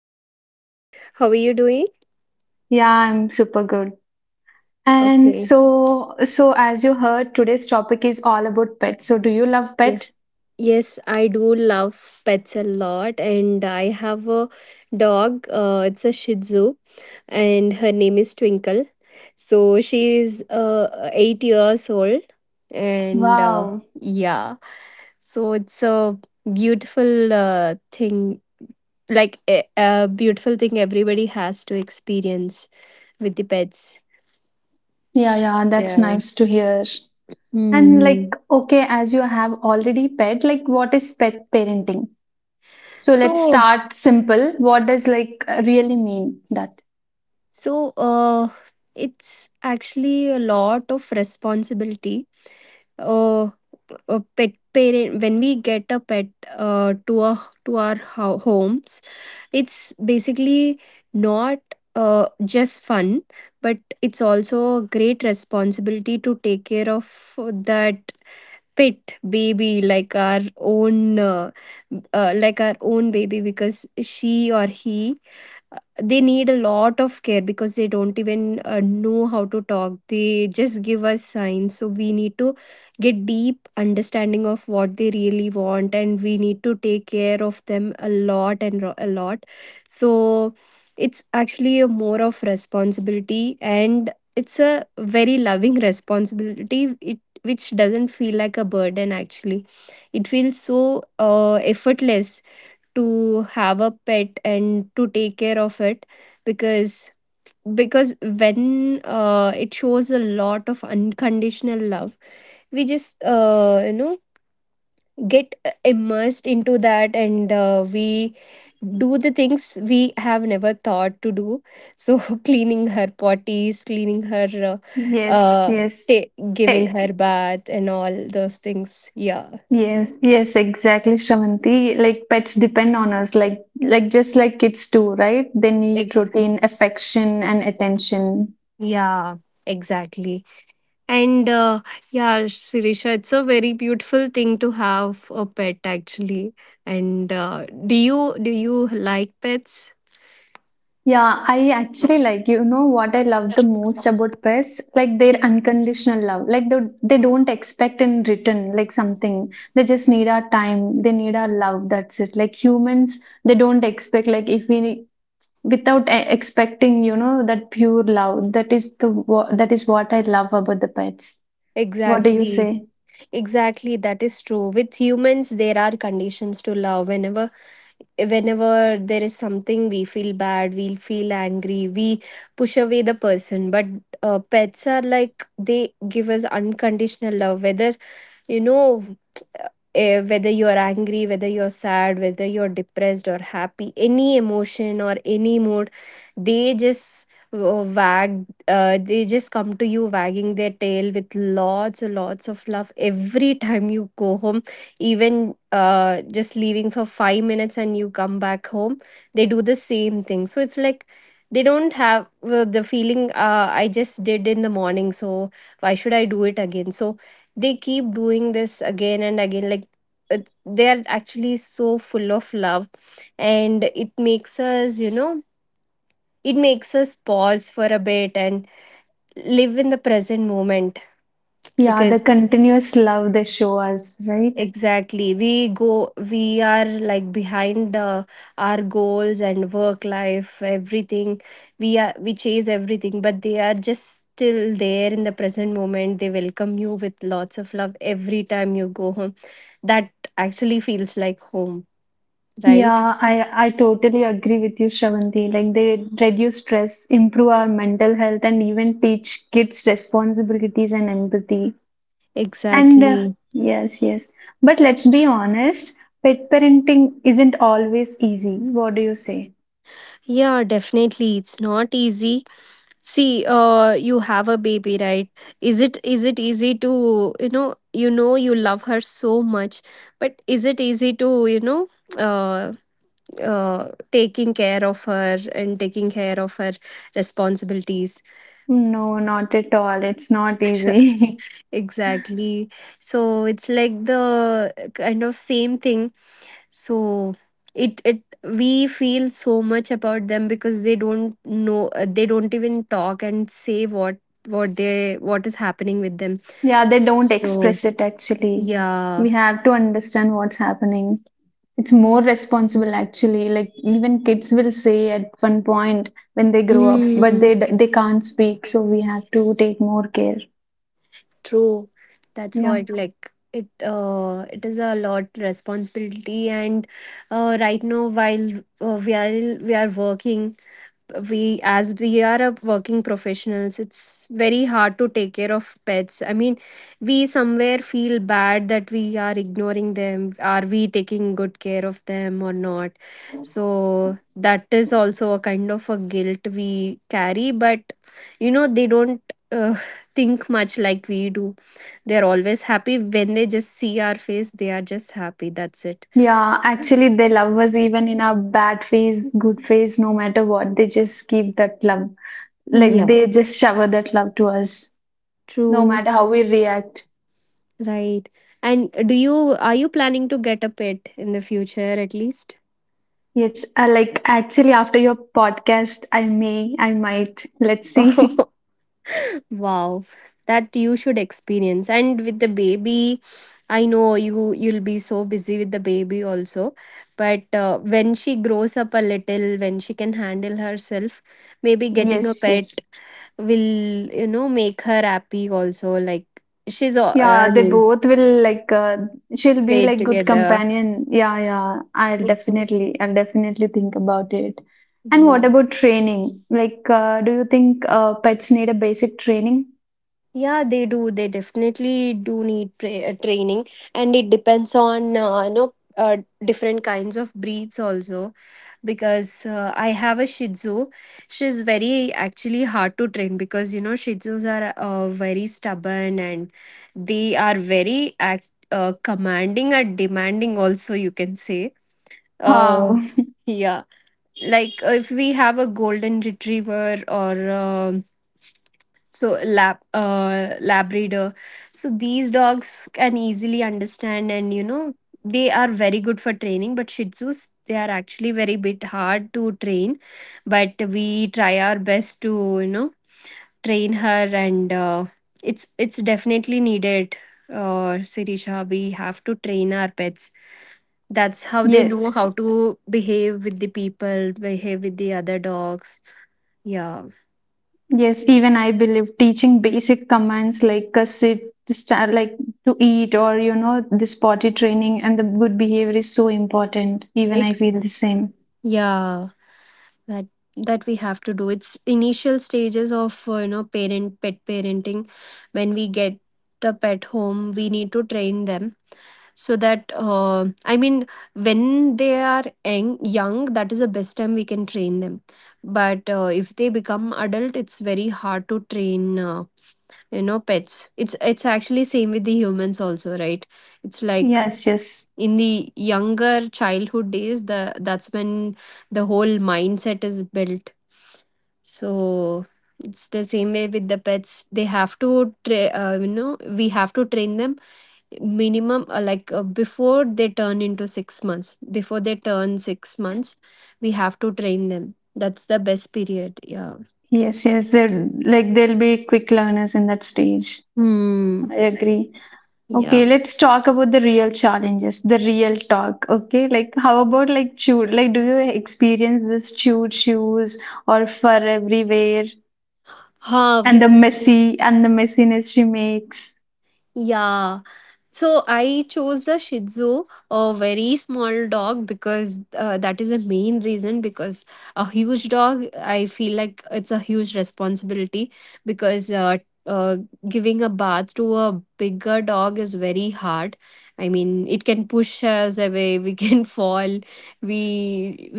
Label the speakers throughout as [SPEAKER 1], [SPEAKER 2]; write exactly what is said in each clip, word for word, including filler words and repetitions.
[SPEAKER 1] I'm good. How are you doing?
[SPEAKER 2] Yeah, I'm super good. And
[SPEAKER 1] Okay.
[SPEAKER 2] so so as you heard, today's topic is all about pets. So do you love
[SPEAKER 1] Yeah.
[SPEAKER 2] pet?
[SPEAKER 1] Yes, I do love pets a lot, and I have a dog. Uh, it's a Shih Tzu, and her name is Twinkle. So she is uh, eight years old, and uh,
[SPEAKER 2] Wow.
[SPEAKER 1] yeah, so it's a beautiful uh, thing, like a, a beautiful thing everybody has to experience with the pets.
[SPEAKER 2] Yeah, yeah, that's
[SPEAKER 1] Yeah.
[SPEAKER 2] nice to hear. And
[SPEAKER 1] hmm
[SPEAKER 2] like, okay, as you have already pet, like what is pet parenting? So let's
[SPEAKER 1] So,
[SPEAKER 2] start simple. What does like really mean that?
[SPEAKER 1] So uh, it's actually a lot of responsibility. Uh, a pet parent, when we get a pet uh, to a to our ho- homes, it's basically not uh, just fun, but it's also a great responsibility to take care of that pet baby like our own uh, uh, like our own baby, because she or he, they need a lot of care, because they don't even uh, know how to talk. They just give us signs, so we need to get deep understanding of what they really want, and we need to take care of them a lot and ro- a lot so it's actually a more of responsibility, and it's a very loving responsibility, it which doesn't feel like a burden actually. It feels so uh, effortless to have a pet and to take care of it. Because because when uh, it shows a lot of unconditional love, we just uh, you know get immersed into that, and uh, we do the things we have never thought to do. So cleaning her potties, cleaning her uh,
[SPEAKER 2] Yes,
[SPEAKER 1] uh
[SPEAKER 2] yes.
[SPEAKER 1] ta-
[SPEAKER 2] Eh,
[SPEAKER 1] giving her bath and all those things. Yeah.
[SPEAKER 2] Yes, yes, exactly, Shravanti. Like pets depend on us, like like just like kids do, right? They need
[SPEAKER 1] Ex-
[SPEAKER 2] routine, affection, and attention.
[SPEAKER 1] yeah exactly. And uh, Yeah, Sirisha, it's a very beautiful thing to have a pet actually. And uh, do you do you like pets?
[SPEAKER 2] Yeah, I actually like you know what I love the most about pets, like their unconditional love. Like they they don't expect in return like something. They just need our time. They need our love. That's it. Like humans, they don't expect like if we without e- expecting you know that pure love. That is the wha- that is what I love about the pets. What do you
[SPEAKER 1] Exactly,
[SPEAKER 2] say?
[SPEAKER 1] exactly. That is true. With humans, there are conditions to love. Whenever, whenever there is something, we feel bad, we feel angry, we push away the person. But uh, pets are like they give us unconditional love. Whether you know eh, whether you're angry, whether you're sad, whether you're depressed or happy, any emotion or any mood, they just uh, wag, uh, they just come to you wagging their tail with lots and lots of love every time you go home. Even uh, just leaving for five minutes and you come back home, they do the same thing. So it's like they don't have uh, the feeling, uh, I just did in the morning, so why should I do it again? So they keep doing this again and again, like it- they are actually so full of love, and it makes us, you know, it makes us pause for a bit and live in the present moment,
[SPEAKER 2] Yeah, the
[SPEAKER 1] because
[SPEAKER 2] continuous love they show us, right?
[SPEAKER 1] exactly we go we are like behind uh, our goals and work life, everything. We are we chase everything, but they are just still there in the present moment. They welcome you with lots of love every time you go home. That actually feels like home. Right,
[SPEAKER 2] Yeah, I, I totally agree with you, Shravandi. Like they reduce stress, improve our mental health, and even teach kids responsibilities and empathy. And uh,
[SPEAKER 1] exactly.
[SPEAKER 2] yes, yes. But let's be honest, pet parenting isn't always easy. What do you say?
[SPEAKER 1] Yeah, definitely. It's not easy. See, uh, you have a baby, right? Is it is it easy to, you know, you know you love her so much, but is it easy to, you know, uh uh taking care of her and taking care of her responsibilities?
[SPEAKER 2] No, not at all. It's not easy.
[SPEAKER 1] Exactly. So it's like the kind of same thing. So it it we feel so much about them, because they don't know, uh, they don't even talk and say what what they what is happening with them.
[SPEAKER 2] Yeah, they don't
[SPEAKER 1] So
[SPEAKER 2] express it actually.
[SPEAKER 1] yeah.
[SPEAKER 2] We have to understand what's happening. It's more responsible actually. Like even kids will say at one point when they grow up, but
[SPEAKER 1] Mm,
[SPEAKER 2] they d- they can't speak, so we have to take more care.
[SPEAKER 1] true. That's
[SPEAKER 2] Yeah.
[SPEAKER 1] what like, it uh it is a lot responsibility. And uh right now, while uh, while we are working, we, as we are a working professionals, it's very hard to take care of pets. I mean, we somewhere feel bad that we are ignoring them. Are we taking good care of them or not? So that is also a kind of a guilt we carry. But you know, they don't uh, think much like we do. They're always happy. When they just see our face, they are just happy. That's it.
[SPEAKER 2] Yeah, actually they love us even in our bad phase, good phase, no matter what. They just keep that love. Like
[SPEAKER 1] Yeah,
[SPEAKER 2] they just shower that love to us, no
[SPEAKER 1] true.
[SPEAKER 2] matter how we react.
[SPEAKER 1] Right. And do you are you planning to get a pet in the future at least?
[SPEAKER 2] Yes, uh, like actually after your podcast, I may, I might. Let's see.
[SPEAKER 1] Oh, wow. That you should experience. And with the baby, I know you you'll be so busy with the baby also. But uh, when she grows up a little, when she can handle herself, maybe getting a
[SPEAKER 2] Yes,
[SPEAKER 1] pet
[SPEAKER 2] yes.
[SPEAKER 1] will, you know, make her happy also. Like she's, uh,
[SPEAKER 2] Yeah,
[SPEAKER 1] I
[SPEAKER 2] they
[SPEAKER 1] mean,
[SPEAKER 2] both will like uh, she'll be
[SPEAKER 1] played
[SPEAKER 2] like good
[SPEAKER 1] together.
[SPEAKER 2] companion. Yeah, yeah. I'll
[SPEAKER 1] Exactly.
[SPEAKER 2] definitely I'll definitely think about it. And what about training? Like uh, do you think uh, pets need a basic training?
[SPEAKER 1] Yeah, they do. They definitely do need tra- uh, training, and it depends on, uh, you know uh, different kinds of breeds also. Because uh, I have a Shih Tzu, she's very actually hard to train, because you know Shih Tzus are uh, very stubborn, and they are very act uh, commanding and demanding also, you can say. Uh,
[SPEAKER 2] Wow.
[SPEAKER 1] yeah, like if we have a golden retriever, or. Um so lab uh labrador, so these dogs can easily understand, and you know, they are very good for training. But Shih Tzus, they are actually very bit hard to train, but we try our best to, you know, train her. And uh, it's it's definitely needed, uh Sirisha. We have to train our pets. That's how they know
[SPEAKER 2] Yes.
[SPEAKER 1] how to behave with the people, behave with the other dogs. Yeah.
[SPEAKER 2] Yes, even I believe teaching basic commands like uh, sit, stand, like to eat or you know this potty training and the good behavior is so important. Even I
[SPEAKER 1] it's
[SPEAKER 2] feel the same.
[SPEAKER 1] yeah that That we have to do. It's initial stages of, uh, you know parent pet parenting, when we get the pet home. We need to train them, so that, uh, I mean, when they are young, young, that is the best time we can train them. But uh, if they become adult, it's very hard to train, uh, you know pets. It's it's actually same with the humans also, right? It's like
[SPEAKER 2] Yes, yes.
[SPEAKER 1] in the younger childhood days, the that's when the whole mindset is built. So it's the same way with the pets. They have to, tra- uh, you know we have to train them minimum, uh, like uh, before they turn into six months. Before they turn six months, we have to train them. That's the best period. Yeah.
[SPEAKER 2] Yes, yes. They're like they'll be quick learners in that stage.
[SPEAKER 1] hmm
[SPEAKER 2] I agree.
[SPEAKER 1] yeah
[SPEAKER 2] Okay, let's talk about the real challenges, the real talk. Okay, like how about like chewed? Like, do you experience this chewed shoes or fur everywhere
[SPEAKER 1] huh
[SPEAKER 2] and
[SPEAKER 1] with
[SPEAKER 2] the messy and the messiness she makes?
[SPEAKER 1] yeah So I chose the Shih Tzu, a very small dog, because uh, that is the main reason. Because a huge dog, I feel like it's a huge responsibility, because uh, uh, giving a bath to a bigger dog is very hard. I mean, it can push us away. We can fall. We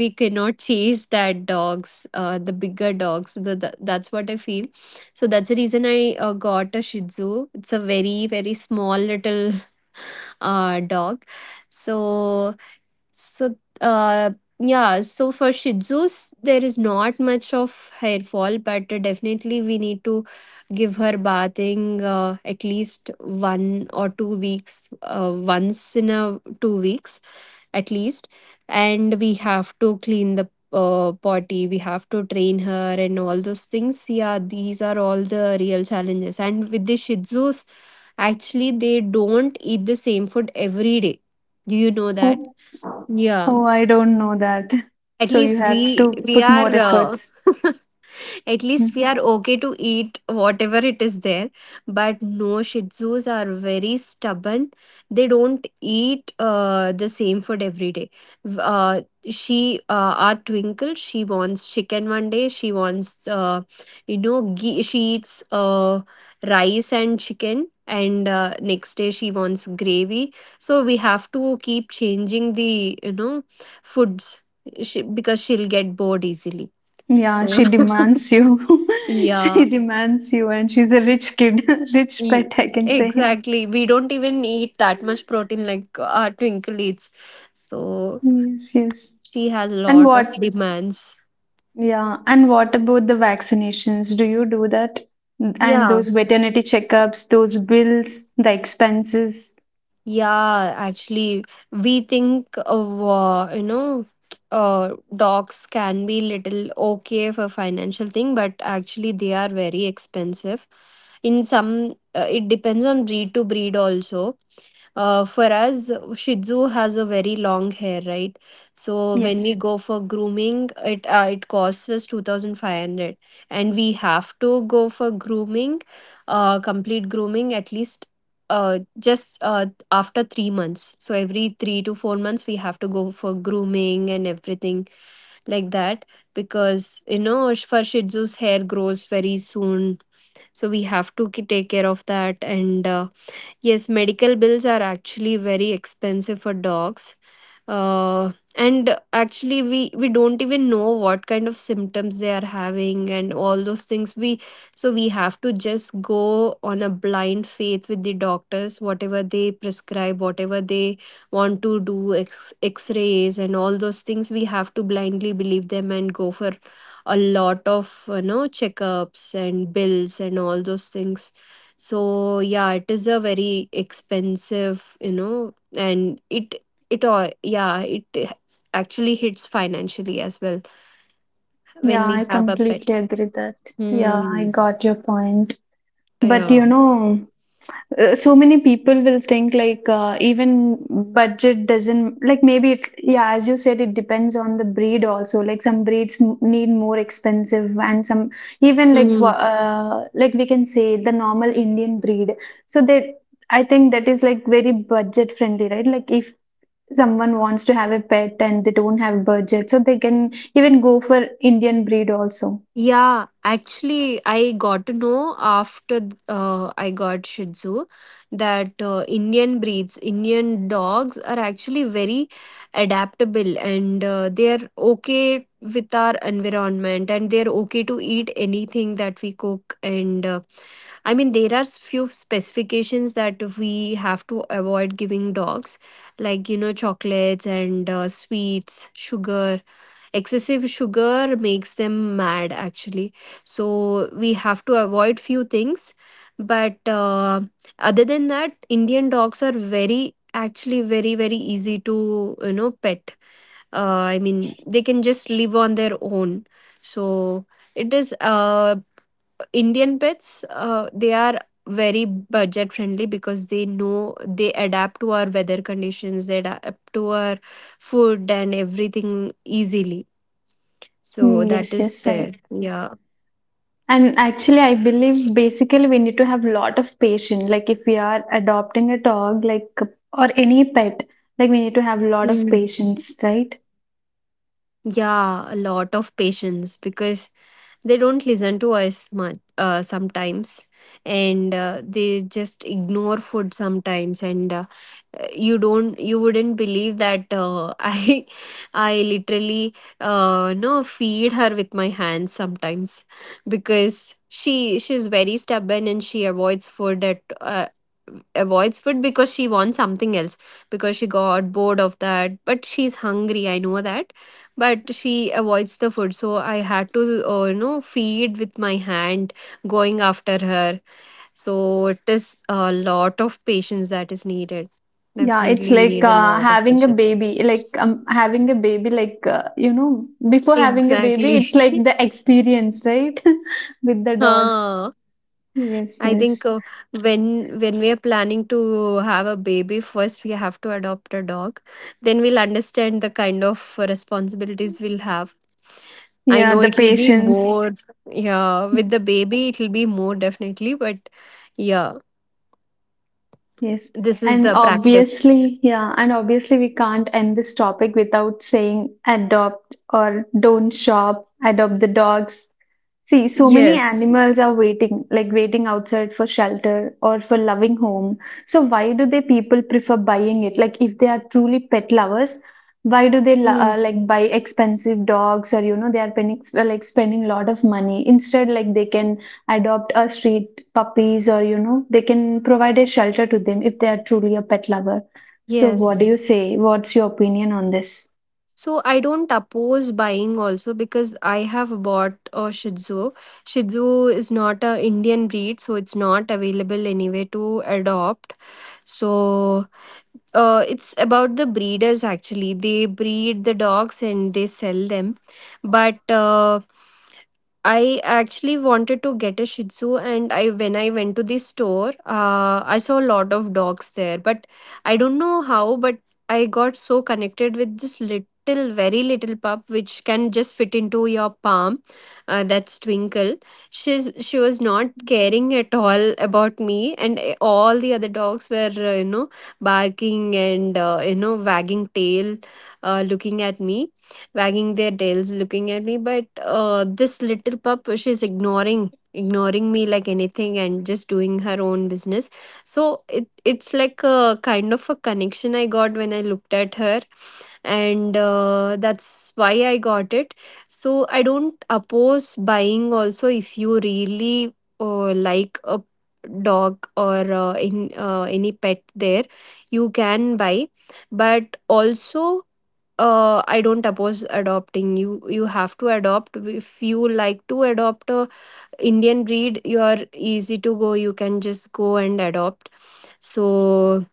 [SPEAKER 1] we cannot chase that dogs, uh, the bigger dogs. The, the, that's what I feel. So that's the reason I uh, got a Shih Tzu. It's a very very small little uh, dog. So, so uh, yeah. So for Shih Tzus, there is not much of hair fall, but uh, definitely we need to give her bathing, uh, at least one or two weeks, uh, once in a two weeks, at least. And we have to clean the, uh, potty. We have to train her and all those things. Yeah, these are all the real challenges. And with the Shih Tzus, actually, they don't eat the same food every day. Do you know that?
[SPEAKER 2] Oh,
[SPEAKER 1] Yeah.
[SPEAKER 2] oh, I don't know that.
[SPEAKER 1] At
[SPEAKER 2] So you
[SPEAKER 1] least
[SPEAKER 2] have
[SPEAKER 1] we
[SPEAKER 2] to
[SPEAKER 1] we
[SPEAKER 2] put more
[SPEAKER 1] are uh,
[SPEAKER 2] efforts.
[SPEAKER 1] at least we
[SPEAKER 2] Mm.
[SPEAKER 1] are okay to eat whatever it is there. But no, Shih Tzus are very stubborn. They don't eat uh, the same food every day. V- Uh, she, uh, our Twinkle, she wants chicken one day. She wants, uh, you know, ghee. She eats uh, rice and chicken. And uh, next day she wants gravy. So we have to keep changing the, you know, foods, she, because she'll get bored easily.
[SPEAKER 2] Yeah,
[SPEAKER 1] So,
[SPEAKER 2] she demands you. She
[SPEAKER 1] yeah.
[SPEAKER 2] demands you, and she's a rich kid, rich
[SPEAKER 1] Ye-
[SPEAKER 2] pet, I can say.
[SPEAKER 1] Exactly. We don't even eat that much protein like uh, our Twinkle eats. So
[SPEAKER 2] Yes, yes.
[SPEAKER 1] she has a
[SPEAKER 2] And
[SPEAKER 1] lot of
[SPEAKER 2] what
[SPEAKER 1] demands.
[SPEAKER 2] yeah, and what about the vaccinations? Do you do that? And
[SPEAKER 1] Yeah.
[SPEAKER 2] those veterinary checkups, those bills, the expenses.
[SPEAKER 1] Yeah, actually, we think of, uh, you know, uh, dogs can be little okay for financial thing, but actually they are very expensive. In some, uh, it depends on breed to breed also. Uh, for us, Shih Tzu has a very long hair, right? So when we
[SPEAKER 2] Yes.
[SPEAKER 1] go for grooming, it uh, it costs us two thousand five hundred, and we have to go for grooming, uh, complete grooming at least uh just uh after three months. So every three to four months, we have to go for grooming and everything like that, because you know for Shih Tzu's hair grows very soon. So we have to ki- take care of that. And uh, yes, medical bills are actually very expensive for dogs, uh, and actually we we don't even know what kind of symptoms they are having and all those things. We So we have to just go on a blind faith with the doctors, whatever they prescribe, whatever they want to do, x x-rays and all those things. We have to blindly believe them and go for a lot of, you know, checkups and bills and all those things. So yeah, it is a very expensive, you know, and it it all, yeah, it eh, actually hits financially as well when
[SPEAKER 2] Yeah, I
[SPEAKER 1] we have a
[SPEAKER 2] completely
[SPEAKER 1] pet.
[SPEAKER 2] agree that. Yeah, I
[SPEAKER 1] Hmm.
[SPEAKER 2] got your point. But you
[SPEAKER 1] Yeah.
[SPEAKER 2] know, uh, so many people will think like uh, even budget doesn't like maybe it yeah as you said it depends on the breed also, like some breeds m- need more expensive and some even like wa- uh, like we can say the normal indian breed, so that I think that is like very budget friendly, right? Like if someone wants to have a pet and they don't have budget, so they can even go for indian breed also.
[SPEAKER 1] Yeah, actually, I got to know after uh, I got Shih Tzu that uh, Indian breeds, Indian dogs are actually very adaptable, and uh, they're okay with our environment, and they're okay to eat anything that we cook. And uh, I mean, there are s- few specifications that we have to avoid giving dogs, like, you know, chocolates and uh, sweets, sugar, excessive sugar makes them mad actually. So we have to avoid few things, but uh, other than that, Indian dogs are very, actually very very easy to, you know, pet. uh, I mean, they can just live on their own. So it is uh, Indian pets, uh, they are very budget friendly, because they know, they adapt to our weather conditions, they adapt to our food and everything easily.
[SPEAKER 2] Hmm,
[SPEAKER 1] So that
[SPEAKER 2] yes,
[SPEAKER 1] is
[SPEAKER 2] yes I
[SPEAKER 1] there. Yeah.
[SPEAKER 2] And actually, I believe basically we need to have lot of patience. Like if we are adopting a dog, like or any pet, like we need to have lot of
[SPEAKER 1] Mm.
[SPEAKER 2] patience, right?
[SPEAKER 1] Yeah, a lot of patience, because they don't listen to us much uh, sometimes, and uh, they just ignore food sometimes, and uh, you don't you wouldn't believe that uh, i i literally uh no, feed her with my hands sometimes, because she she's very stubborn, and she avoids food at uh, avoids food because she wants something else, because she got bored of that, but she's hungry, I know that, but she avoids the food, so I had to uh, you know, feed with my hand, going after her. So it is a lot of patience that is needed.
[SPEAKER 2] Yeah, it's
[SPEAKER 1] Definitely, we
[SPEAKER 2] like
[SPEAKER 1] need a
[SPEAKER 2] uh,
[SPEAKER 1] lot of
[SPEAKER 2] having a
[SPEAKER 1] patience.
[SPEAKER 2] baby. Like um, having a baby, like uh, you know, before having a baby,
[SPEAKER 1] Exactly.
[SPEAKER 2] it's like the experience, right, with the dogs.
[SPEAKER 1] Huh.
[SPEAKER 2] Yes,
[SPEAKER 1] I
[SPEAKER 2] yes.
[SPEAKER 1] think uh, when when we are planning to have a baby, first we have to adopt a dog. Then we'll understand the kind of responsibilities we'll have. I
[SPEAKER 2] Yeah,
[SPEAKER 1] know
[SPEAKER 2] the
[SPEAKER 1] it'll be
[SPEAKER 2] patience.
[SPEAKER 1] more, yeah, with the baby, it'll be more definitely, but yeah,
[SPEAKER 2] Yes.
[SPEAKER 1] this is
[SPEAKER 2] And
[SPEAKER 1] the practice.
[SPEAKER 2] obviously, yeah, and obviously we can't end this topic without saying adopt or don't shop, adopt the dogs. See, so many
[SPEAKER 1] Yes.
[SPEAKER 2] animals are waiting, like waiting outside for shelter or for loving home. So why do they people prefer buying it? Like if they are truly pet lovers, why do they lo-
[SPEAKER 1] Mm.
[SPEAKER 2] uh, like buy expensive dogs, or you know they are spending uh, like spending a lot of money, instead like they can adopt a street puppies, or you know they can provide a shelter to them if they are truly a pet lover. So what do
[SPEAKER 1] Yes.
[SPEAKER 2] you say? What's your opinion on this?
[SPEAKER 1] So I don't oppose buying also, because I have bought a Shih Tzu. Shih Tzu is not a Indian breed, so it's not available anywhere to adopt. So uh, it's about the breeders actually. They breed the dogs and they sell them. But uh, I actually wanted to get a Shih Tzu, and I when I went to the store, uh, I saw a lot of dogs there. But I don't know how, but I got so connected with this little, very little pup, which can just fit into your palm. Uh, that's Twinkle. She's she was not caring at all about me, and uh, all the other dogs were uh, you know, barking, and uh, you know, wagging tail, uh, looking at me, wagging their tails, looking at me. But uh, this little pup, she's ignoring ignoring me like anything and just doing her own business. So it it's like a kind of a connection I got when I looked at her, and uh, that's why I got it. So I don't oppose buying also, if you really uh, like a dog or uh, in uh, any pet there, you can buy. But also uh, I don't oppose adopting. You you have to adopt. If you like to adopt a Indian breed, you are easy to go, you can just go and adopt. So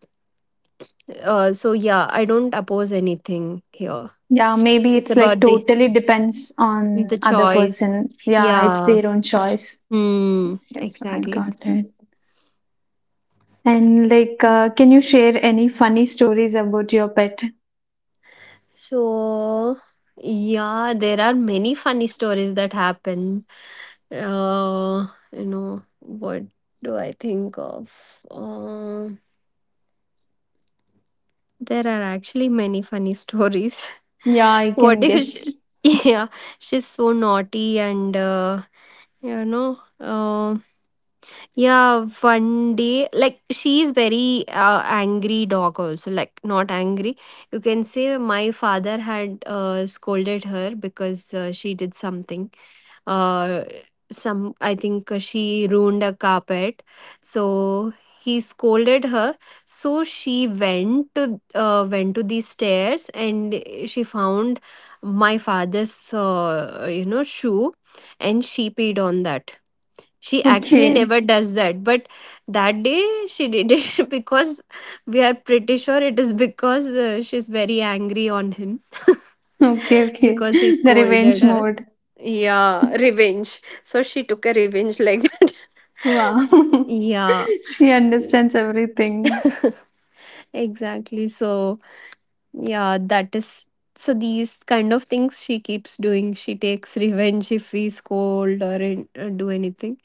[SPEAKER 1] uh, so yeah, I don't oppose anything here.
[SPEAKER 2] Yeah, maybe
[SPEAKER 1] It's
[SPEAKER 2] it's like
[SPEAKER 1] about the
[SPEAKER 2] totally depends on
[SPEAKER 1] the
[SPEAKER 2] other
[SPEAKER 1] choice.
[SPEAKER 2] person. Yeah, it's
[SPEAKER 1] Yeah.
[SPEAKER 2] their own choice.
[SPEAKER 1] Hmm.
[SPEAKER 2] Yes, yes, I
[SPEAKER 1] Exactly.
[SPEAKER 2] got it. And like, uh, can you share any funny stories about your pet?
[SPEAKER 1] So yeah, there are many funny stories that happen. Uh, you know, what do I think of? Uh, there are actually many funny stories.
[SPEAKER 2] Yeah, I
[SPEAKER 1] What
[SPEAKER 2] can
[SPEAKER 1] if she?
[SPEAKER 2] guess.
[SPEAKER 1] Yeah, she's so naughty, and uh, you know. um. Yeah, one day, like, she is very uh, angry dog also, like, not angry. You can say my father had uh, scolded her because uh, she did something. Uh, some, I think uh, she ruined a carpet, so he scolded her. So she went to uh, went to the stairs, and she found my father's uh, you know, shoe, and she peed on that. She actually
[SPEAKER 2] Okay,
[SPEAKER 1] never does that, but that day she did it because we are pretty sure it is because uh, she's very angry on him.
[SPEAKER 2] okay, okay.
[SPEAKER 1] Because he
[SPEAKER 2] The
[SPEAKER 1] scolded
[SPEAKER 2] revenge
[SPEAKER 1] her.
[SPEAKER 2] mode.
[SPEAKER 1] Yeah, revenge. So she took a revenge like that.
[SPEAKER 2] Wow.
[SPEAKER 1] Yeah.
[SPEAKER 2] She understands everything.
[SPEAKER 1] Exactly. So yeah, that is, so these kind of things she keeps doing. She takes revenge if we scold, or an- or do anything.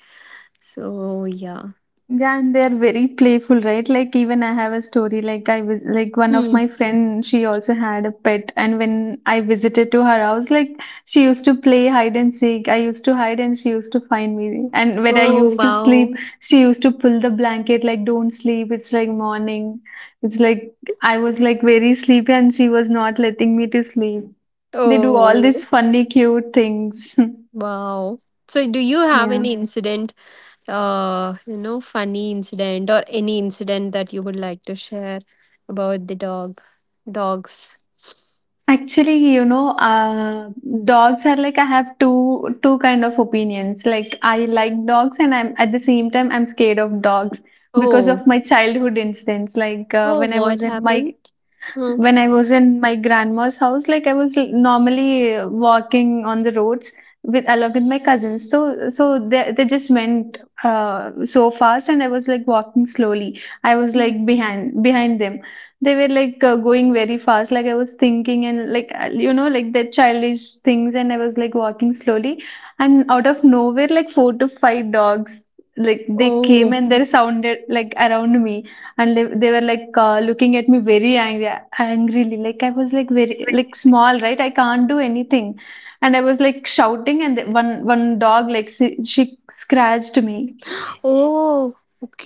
[SPEAKER 1] So yeah.
[SPEAKER 2] Yeah, and they're very playful, right? Like even I have a story. Like I was like one of
[SPEAKER 1] Hmm.
[SPEAKER 2] my friend, she also had a pet, and when I visited to her house, like she used to play hide and seek. I used to hide, and she used to find me. And when I
[SPEAKER 1] Oh,
[SPEAKER 2] used to sleep,
[SPEAKER 1] wow.
[SPEAKER 2] she used to pull the blanket like don't sleep. It's like morning. It's like I was like very sleepy, and she was not letting me to sleep. They do all
[SPEAKER 1] Oh,
[SPEAKER 2] these funny, cute things.
[SPEAKER 1] wow. So, do you have
[SPEAKER 2] Yeah.
[SPEAKER 1] any incident, uh, you know, funny incident, or any incident that you would like to share about the dog, dogs?
[SPEAKER 2] Actually, you know, uh, dogs are like I have two two kind of opinions. Like I like dogs, and I'm at the same time I'm scared of dogs because
[SPEAKER 1] Oh.
[SPEAKER 2] of my childhood incidents. Like uh,
[SPEAKER 1] Oh,
[SPEAKER 2] when I was
[SPEAKER 1] what
[SPEAKER 2] in my
[SPEAKER 1] happened? Hmm.
[SPEAKER 2] when I was in my grandma's house, like I was l- normally uh, walking on the roads with along with my cousins. So so they they just went uh, so fast, and I was like walking slowly. I was
[SPEAKER 1] Hmm.
[SPEAKER 2] like behind behind them. They were like uh, going very fast. Like I was thinking and like uh, you know like their childish things, and I was like walking slowly, and out of nowhere like four to five dogs like they came
[SPEAKER 1] Oh.
[SPEAKER 2] and they sounded like around me, and they, they were like uh, looking at me very angry angrily. Like I was like very like small, right? I can't do anything. And I was like shouting, and one one dog like she, she scratched me.
[SPEAKER 1] Oh,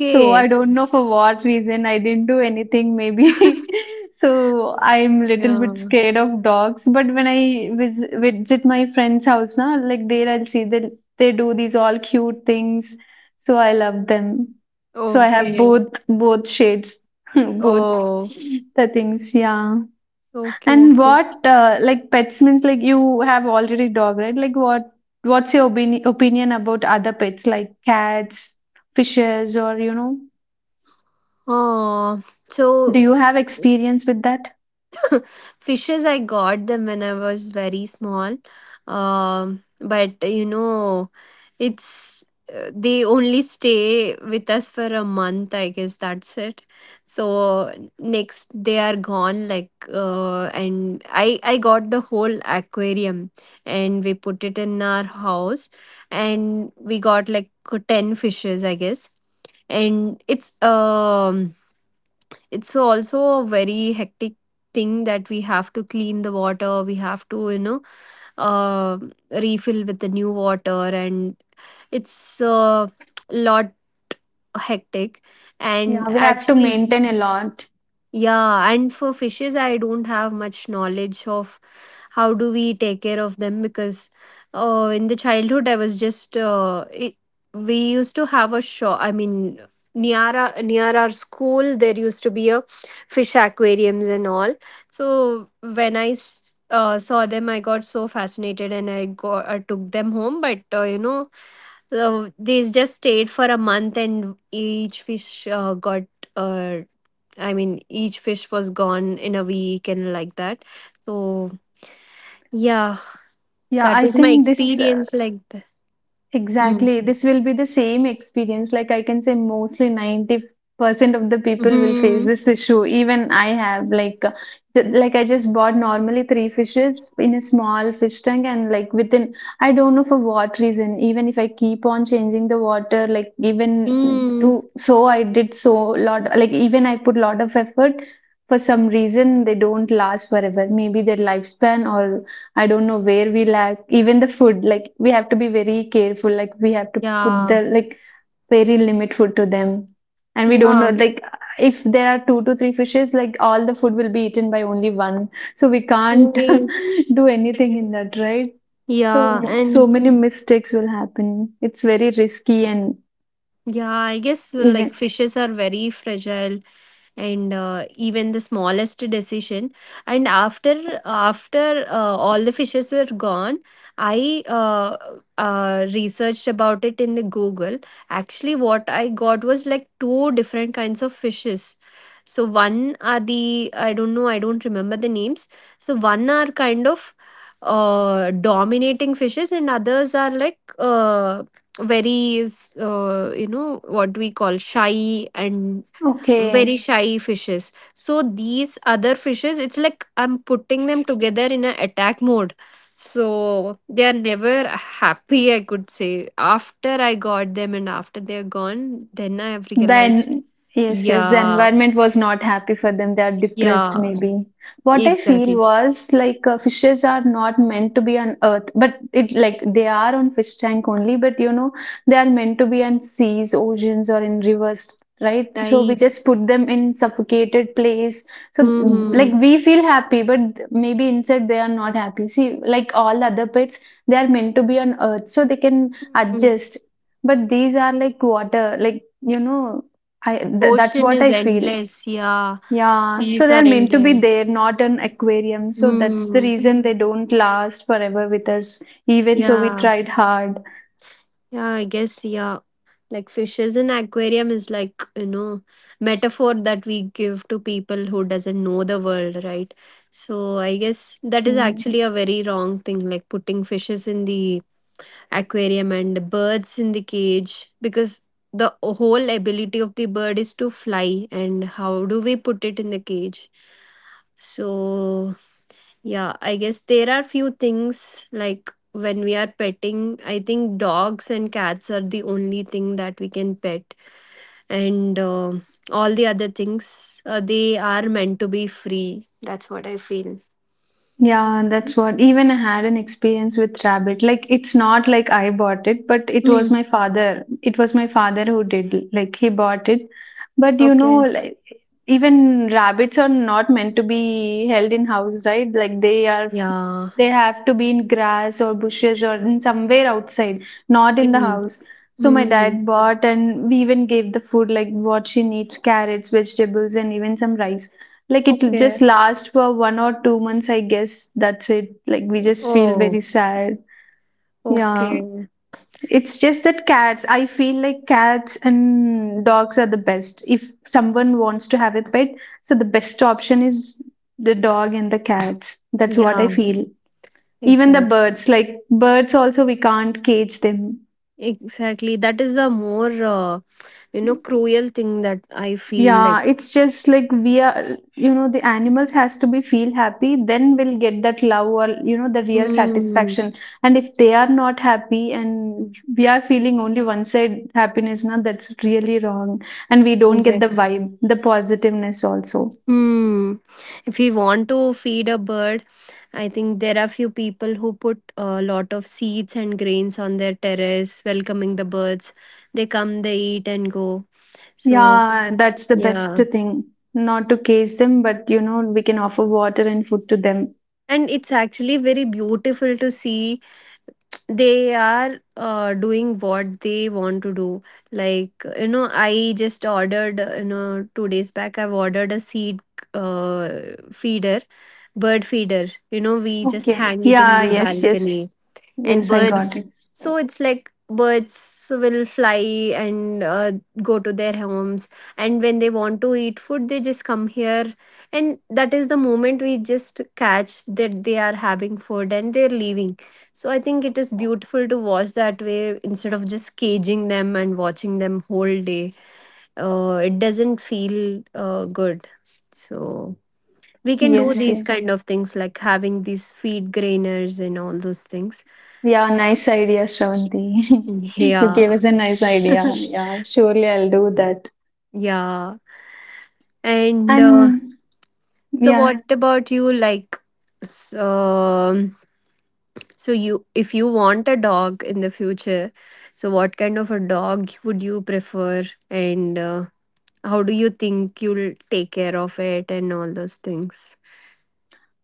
[SPEAKER 2] So I don't know for what reason I didn't do anything maybe. So I'm little bit
[SPEAKER 1] Yeah.
[SPEAKER 2] scared of dogs. But when I vis visit my friend's house now, like there I'll see that they do these all cute things. So I love them. So I have
[SPEAKER 1] Okay.
[SPEAKER 2] both both shades, both
[SPEAKER 1] Oh,
[SPEAKER 2] the things. Yeah.
[SPEAKER 1] okay,
[SPEAKER 2] And
[SPEAKER 1] okay.
[SPEAKER 2] what uh, like pets means like you have already dog, right? Like what what's your opini opinion about other pets like cats, fishes, or you know?
[SPEAKER 1] Oh,
[SPEAKER 2] Do
[SPEAKER 1] so,
[SPEAKER 2] you have experience with that?
[SPEAKER 1] fishes, I got them when I was very small. Um, but you know, it's uh, they only stay with us for a month, I guess, that's it. So next they are gone, like, uh, and I I got the whole aquarium, and we put it in our house, and we got like ten fishes, I guess. And it's um it's also a very hectic thing, that we have to clean the water, we have to, you know, uh, refill with the new water, and it's a lot hectic. And
[SPEAKER 2] Yeah, we have to
[SPEAKER 1] actually,
[SPEAKER 2] maintain a lot.
[SPEAKER 1] yeah, and for fishes, I don't have much knowledge of how do we take care of them, because uh, in the childhood I was just uh, it, we used to have a shop. I mean, near our, near our school there used to be a fish aquariums and all. So when I s- uh, saw them, I got so fascinated, and I got I took them home. But uh, you know, uh, they just stayed for a month and each fish uh, got. Uh, I mean, each fish was gone in a week, and like that. So, yeah,
[SPEAKER 2] Yeah,
[SPEAKER 1] that
[SPEAKER 2] I
[SPEAKER 1] is my
[SPEAKER 2] think this. Uh,
[SPEAKER 1] experience like that. Mm.
[SPEAKER 2] exactly, this will be the same experience. Like I can say mostly ninety percent of the people will face
[SPEAKER 1] Hmm.
[SPEAKER 2] this issue. Even I have like uh, th- like I just bought normally three fishes in a small fish tank, and like within I don't know for what reason, even if I keep on changing the water, like even
[SPEAKER 1] Mm.
[SPEAKER 2] to so I did so lot like even I put lot of effort. For some reason they don't last forever. Maybe their lifespan, or I don't know where we lack. Even the food, like we have to be very careful. Like we have to put
[SPEAKER 1] Yeah.
[SPEAKER 2] the like very limit food to them, and we don't know
[SPEAKER 1] Yeah.
[SPEAKER 2] like if there are two to three fishes, like all the food will be eaten by only one. So we can't
[SPEAKER 1] Right.
[SPEAKER 2] do anything in that, right?
[SPEAKER 1] Yeah.
[SPEAKER 2] So so
[SPEAKER 1] And
[SPEAKER 2] many mistakes will happen. It's very risky and
[SPEAKER 1] yeah, I guess uh, like,
[SPEAKER 2] even
[SPEAKER 1] fishes are very fragile, and uh, even the smallest decision, and after after uh, all the fishes were gone, i uh, uh, researched about it in the google. Actually, what I got was like two different kinds of fishes. So one are the, I don't know, I don't remember the names. So one are kind of uh dominating fishes, and others are like uh very uh, you know, what we call shy, and
[SPEAKER 2] okay.
[SPEAKER 1] very shy fishes. So these other fishes, it's like I'm putting them together in an attack mode, so they are never happy, I could say. After I got them, and after they're gone, then I have realized.
[SPEAKER 2] Then, yes, yes, the
[SPEAKER 1] Yeah.
[SPEAKER 2] environment was not happy for them. They are depressed,
[SPEAKER 1] Yeah.
[SPEAKER 2] maybe. What I feel
[SPEAKER 1] Exactly.
[SPEAKER 2] was like uh, fishes are not meant to be on earth, but it like they are on fish tank only, but you know, they are meant to be on seas, oceans, or in rivers. Right, so we
[SPEAKER 1] Right.
[SPEAKER 2] just put them in suffocated place. So,
[SPEAKER 1] Hmm.
[SPEAKER 2] like we feel happy, but maybe inside they are not happy. See, like all other pets, they are meant to be on earth, so they can
[SPEAKER 1] Hmm.
[SPEAKER 2] adjust. But these are like water, like you know, I th- that's
[SPEAKER 1] Ocean
[SPEAKER 2] what
[SPEAKER 1] is
[SPEAKER 2] I feel.
[SPEAKER 1] endless. Yeah,
[SPEAKER 2] Yeah, so
[SPEAKER 1] seas are
[SPEAKER 2] they're meant to be there,
[SPEAKER 1] endless.
[SPEAKER 2] not an aquarium. So that's the
[SPEAKER 1] Hmm.
[SPEAKER 2] reason they don't last forever with us, even so we
[SPEAKER 1] Yeah,
[SPEAKER 2] tried hard.
[SPEAKER 1] yeah, I guess, yeah. Like, fishes in aquarium is like, you know, metaphor that we give to people who doesn't know the world, right? So I guess that is
[SPEAKER 2] Yes.
[SPEAKER 1] actually a very wrong thing, like putting fishes in the aquarium and birds in the cage, because the whole ability of the bird is to fly, and how do we put it in the cage? So yeah, I guess there are few things, like, when we are petting, I think dogs and cats are the only thing that we can pet, and uh, all the other things uh, they are meant to be free. That's what I feel.
[SPEAKER 2] Yeah, that's what even I had an experience with rabbit. Like it's not like I bought it, but it
[SPEAKER 1] Hmm.
[SPEAKER 2] was my father. It was my father who did like he bought it. But you know,
[SPEAKER 1] Okay.
[SPEAKER 2] like even rabbits are not meant to be held in house, right? Like they are
[SPEAKER 1] Yeah.
[SPEAKER 2] they have to be in grass or bushes or in somewhere outside, not in the
[SPEAKER 1] Hmm.
[SPEAKER 2] house. So my
[SPEAKER 1] Hmm.
[SPEAKER 2] dad bought and we even gave the food like what she needs, carrots, vegetables and even some rice like it
[SPEAKER 1] Okay.
[SPEAKER 2] just lasts for one or two months, I guess. That's it. Like we just feel
[SPEAKER 1] Oh.
[SPEAKER 2] very sad. Yeah.
[SPEAKER 1] Okay.
[SPEAKER 2] It's just that cats, I feel like cats and dogs are the best. If someone wants to have a pet, so the best option is the dog and the cats. That's what I
[SPEAKER 1] Yeah.
[SPEAKER 2] feel. Even the
[SPEAKER 1] Exactly.
[SPEAKER 2] birds, like birds also we can't cage them.
[SPEAKER 1] Exactly. That is a more uh, you know, cruel thing that I feel like.
[SPEAKER 2] Yeah, it's just like we are, you know, the animals has to be feel happy, then we'll get that love or, you know, the real
[SPEAKER 1] Hmm.
[SPEAKER 2] satisfaction. And if they are not happy and we are feeling only one side happiness, now that's really wrong. And we don't get the vibe, the positiveness also.
[SPEAKER 1] Hmm. If we want to feed a bird, I think there are few people who put a lot of seeds and grains on their terrace, welcoming the birds. They come, they eat, and go. So,
[SPEAKER 2] Yeah, that's the best
[SPEAKER 1] yeah.
[SPEAKER 2] thing. Not to case them, but, you know, we can offer water and food to them.
[SPEAKER 1] And it's actually very beautiful to see they are uh, doing what they want to do. Like, you know, I just ordered, you know, two days back, I've ordered a seed uh, feeder, bird feeder. You know, we just
[SPEAKER 2] Okay.
[SPEAKER 1] hang it in
[SPEAKER 2] Yeah,
[SPEAKER 1] the
[SPEAKER 2] yes, yes.
[SPEAKER 1] balcony, and
[SPEAKER 2] Yes, I got
[SPEAKER 1] birds,
[SPEAKER 2] it.
[SPEAKER 1] so it's like, birds will fly, and uh, go to their homes, and when they want to eat food they just come here, and that is the moment we just catch, that they are having food and they're leaving. So I think it is beautiful to watch that way, instead of just caging them and watching them whole day. uh, it doesn't feel uh, good. So we can do
[SPEAKER 2] Yes,
[SPEAKER 1] these
[SPEAKER 2] yes.
[SPEAKER 1] kind of things, like having these feed grainers and all those things.
[SPEAKER 2] Yeah, nice idea, Shravanti. You gave
[SPEAKER 1] Yeah.
[SPEAKER 2] us a nice idea. Yeah, surely I'll do that.
[SPEAKER 1] Yeah. And uh,
[SPEAKER 2] And
[SPEAKER 1] so,
[SPEAKER 2] yeah,
[SPEAKER 1] what about you, like, so, so you, if you want a dog in the future, so what kind of a dog would you prefer, and uh, how do you think you'll take care of it and all those things?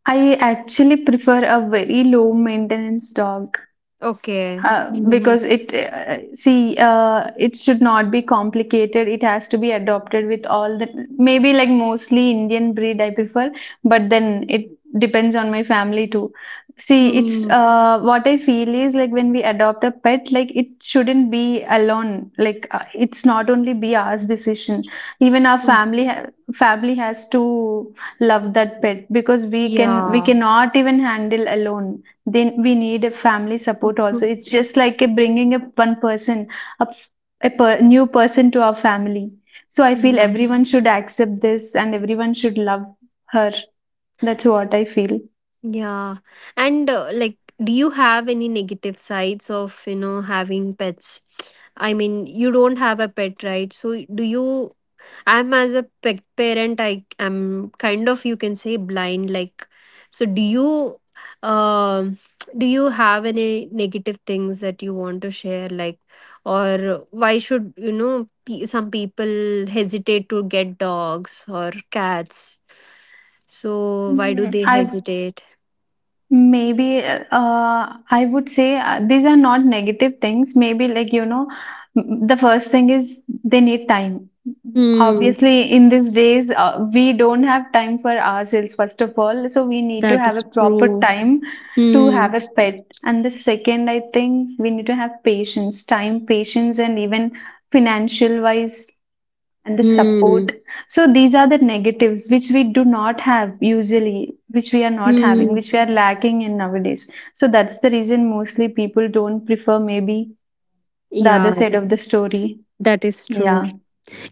[SPEAKER 2] I actually prefer a very low maintenance dog.
[SPEAKER 1] Okay.
[SPEAKER 2] Uh,
[SPEAKER 1] Mhm.
[SPEAKER 2] because it uh, see uh, it should not be complicated, it has to be adopted with all the, maybe like mostly Indian breed I prefer, but then it depends on my family too. See, it's
[SPEAKER 1] Mm.
[SPEAKER 2] uh, what I feel is like when we adopt a pet, like it shouldn't be alone, like uh, it's not only be ours decision. Even our family ha- family has to love that pet, because we can we
[SPEAKER 1] Yeah.
[SPEAKER 2] cannot even handle alone, then we need a family support also. It's just like a bringing up one person, a, f- a per, new person to our family. So I feel
[SPEAKER 1] Yeah.
[SPEAKER 2] everyone should accept this and everyone should love her. That's what I feel.
[SPEAKER 1] Yeah. And uh, like, do you have any negative sides of, you know, having pets? I mean, you don't have a pet, right? So, do you? I'm, as a pet parent, I am kind of, you can say, blind. Like, so do you, um, do you have any negative things that you want to share? Like, or why should, you know, pe- some people hesitate to get dogs or cats? So, why do
[SPEAKER 2] Mm,
[SPEAKER 1] they
[SPEAKER 2] I
[SPEAKER 1] hesitate?
[SPEAKER 2] Maybe, uh, I would say uh, these are not negative things. Maybe, like, you know, m- the first thing is they need time.
[SPEAKER 1] Hmm,
[SPEAKER 2] Obviously, in these days, uh, we don't have time for ourselves, first of all. So, we need to
[SPEAKER 1] that
[SPEAKER 2] have a
[SPEAKER 1] is
[SPEAKER 2] proper
[SPEAKER 1] true.
[SPEAKER 2] time to
[SPEAKER 1] Hmm,
[SPEAKER 2] have a pet. And the second, I think we need to have patience, time, patience, and even financial wise and the
[SPEAKER 1] hmm,
[SPEAKER 2] support. So these are the negatives which we do not have usually, which we are not having,
[SPEAKER 1] hmm.
[SPEAKER 2] which we are lacking in nowadays. So that's the reason mostly people don't prefer, maybe the other
[SPEAKER 1] Yeah,
[SPEAKER 2] side of the story.
[SPEAKER 1] that is true.
[SPEAKER 2] Yeah,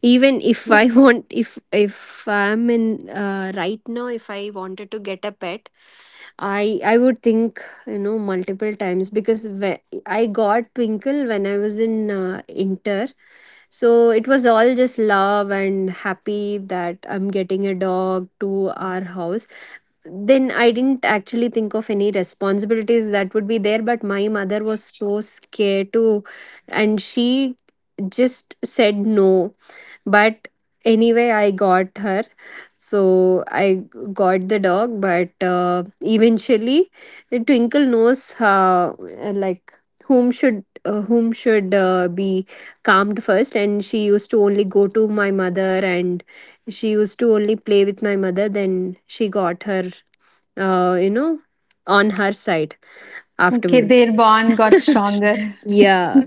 [SPEAKER 1] Even if I
[SPEAKER 2] yes.
[SPEAKER 1] want, if if I'm in uh, right now, if I wanted to get a pet, I I would think, you know, multiple times, because whe- I got Twinkle when I was in uh, Inter, so it was all just love and happy that I'm getting a dog to our house. Then I didn't actually think of any responsibilities that would be there. But my mother was so scared to, and she just said no. But anyway, I got her. So I got the dog, but uh, eventually, Twinkle knows how, uh, like, whom should uh, whom should uh, be calmed first, and she used to only go to my mother, and she used to only play with my mother. Then she got her uh, you know, on her side
[SPEAKER 2] Okay,
[SPEAKER 1] afterwards.
[SPEAKER 2] their bond got stronger.
[SPEAKER 1] Yeah.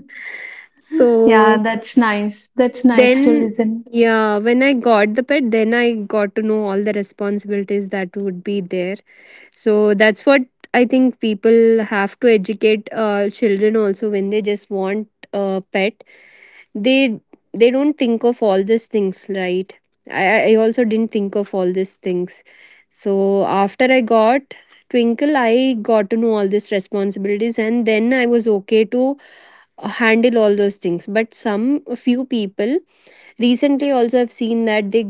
[SPEAKER 2] Yeah,
[SPEAKER 1] So
[SPEAKER 2] that's nice. That's nice to
[SPEAKER 1] then,
[SPEAKER 2] listen.
[SPEAKER 1] yeah, when I got the pet, then I got to know all the responsibilities that would be there. So that's what I think, people have to educate uh, children also when they just want a pet. They they don't think of all these things, right? I i also didn't think of all these things. So after I got Twinkle, I got to know all these responsibilities, and then I was okay to handle all those things. But some, few people recently also I've seen, that they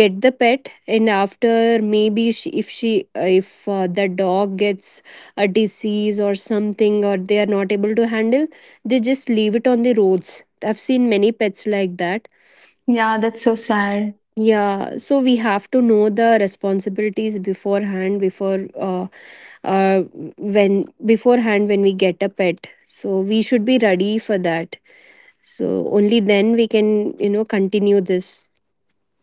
[SPEAKER 1] get the pet and after, maybe she, if she uh, if uh, the dog gets a disease or something, or they are not able to handle, they just leave it on the roads. I've seen many pets like that.
[SPEAKER 2] Yeah, that's so sad.
[SPEAKER 1] Yeah, so we have to know the responsibilities beforehand, before uh, uh when beforehand when we get a pet, so we should be ready for that. So only then we can, you know, continue this.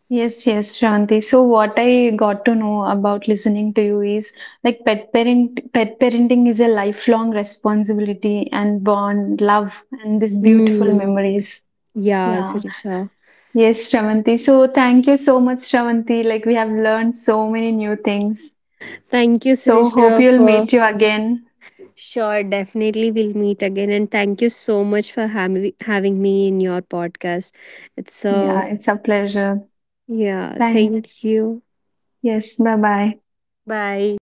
[SPEAKER 2] Yes, yes, Shanti. So what I got to know about listening to you is like pet parent pet parenting is a lifelong responsibility and bond, love, and these beautiful
[SPEAKER 1] Hmm.
[SPEAKER 2] memories.
[SPEAKER 1] Yeah,
[SPEAKER 2] Yeah.
[SPEAKER 1] Sirisha.
[SPEAKER 2] Yes, Shravanti. So thank you so much, Shravanti. Like we have learned so many new things.
[SPEAKER 1] Thank you,
[SPEAKER 2] So hope
[SPEAKER 1] Sirisha,
[SPEAKER 2] you'll
[SPEAKER 1] for,
[SPEAKER 2] meet you again.
[SPEAKER 1] sure. Definitely, we'll meet again. And thank you so much for hav- having me in your podcast. It's so,
[SPEAKER 2] Yeah, it's a pleasure.
[SPEAKER 1] yeah,
[SPEAKER 2] Thank.
[SPEAKER 1] thank you.
[SPEAKER 2] Yes, bye bye.
[SPEAKER 1] Bye.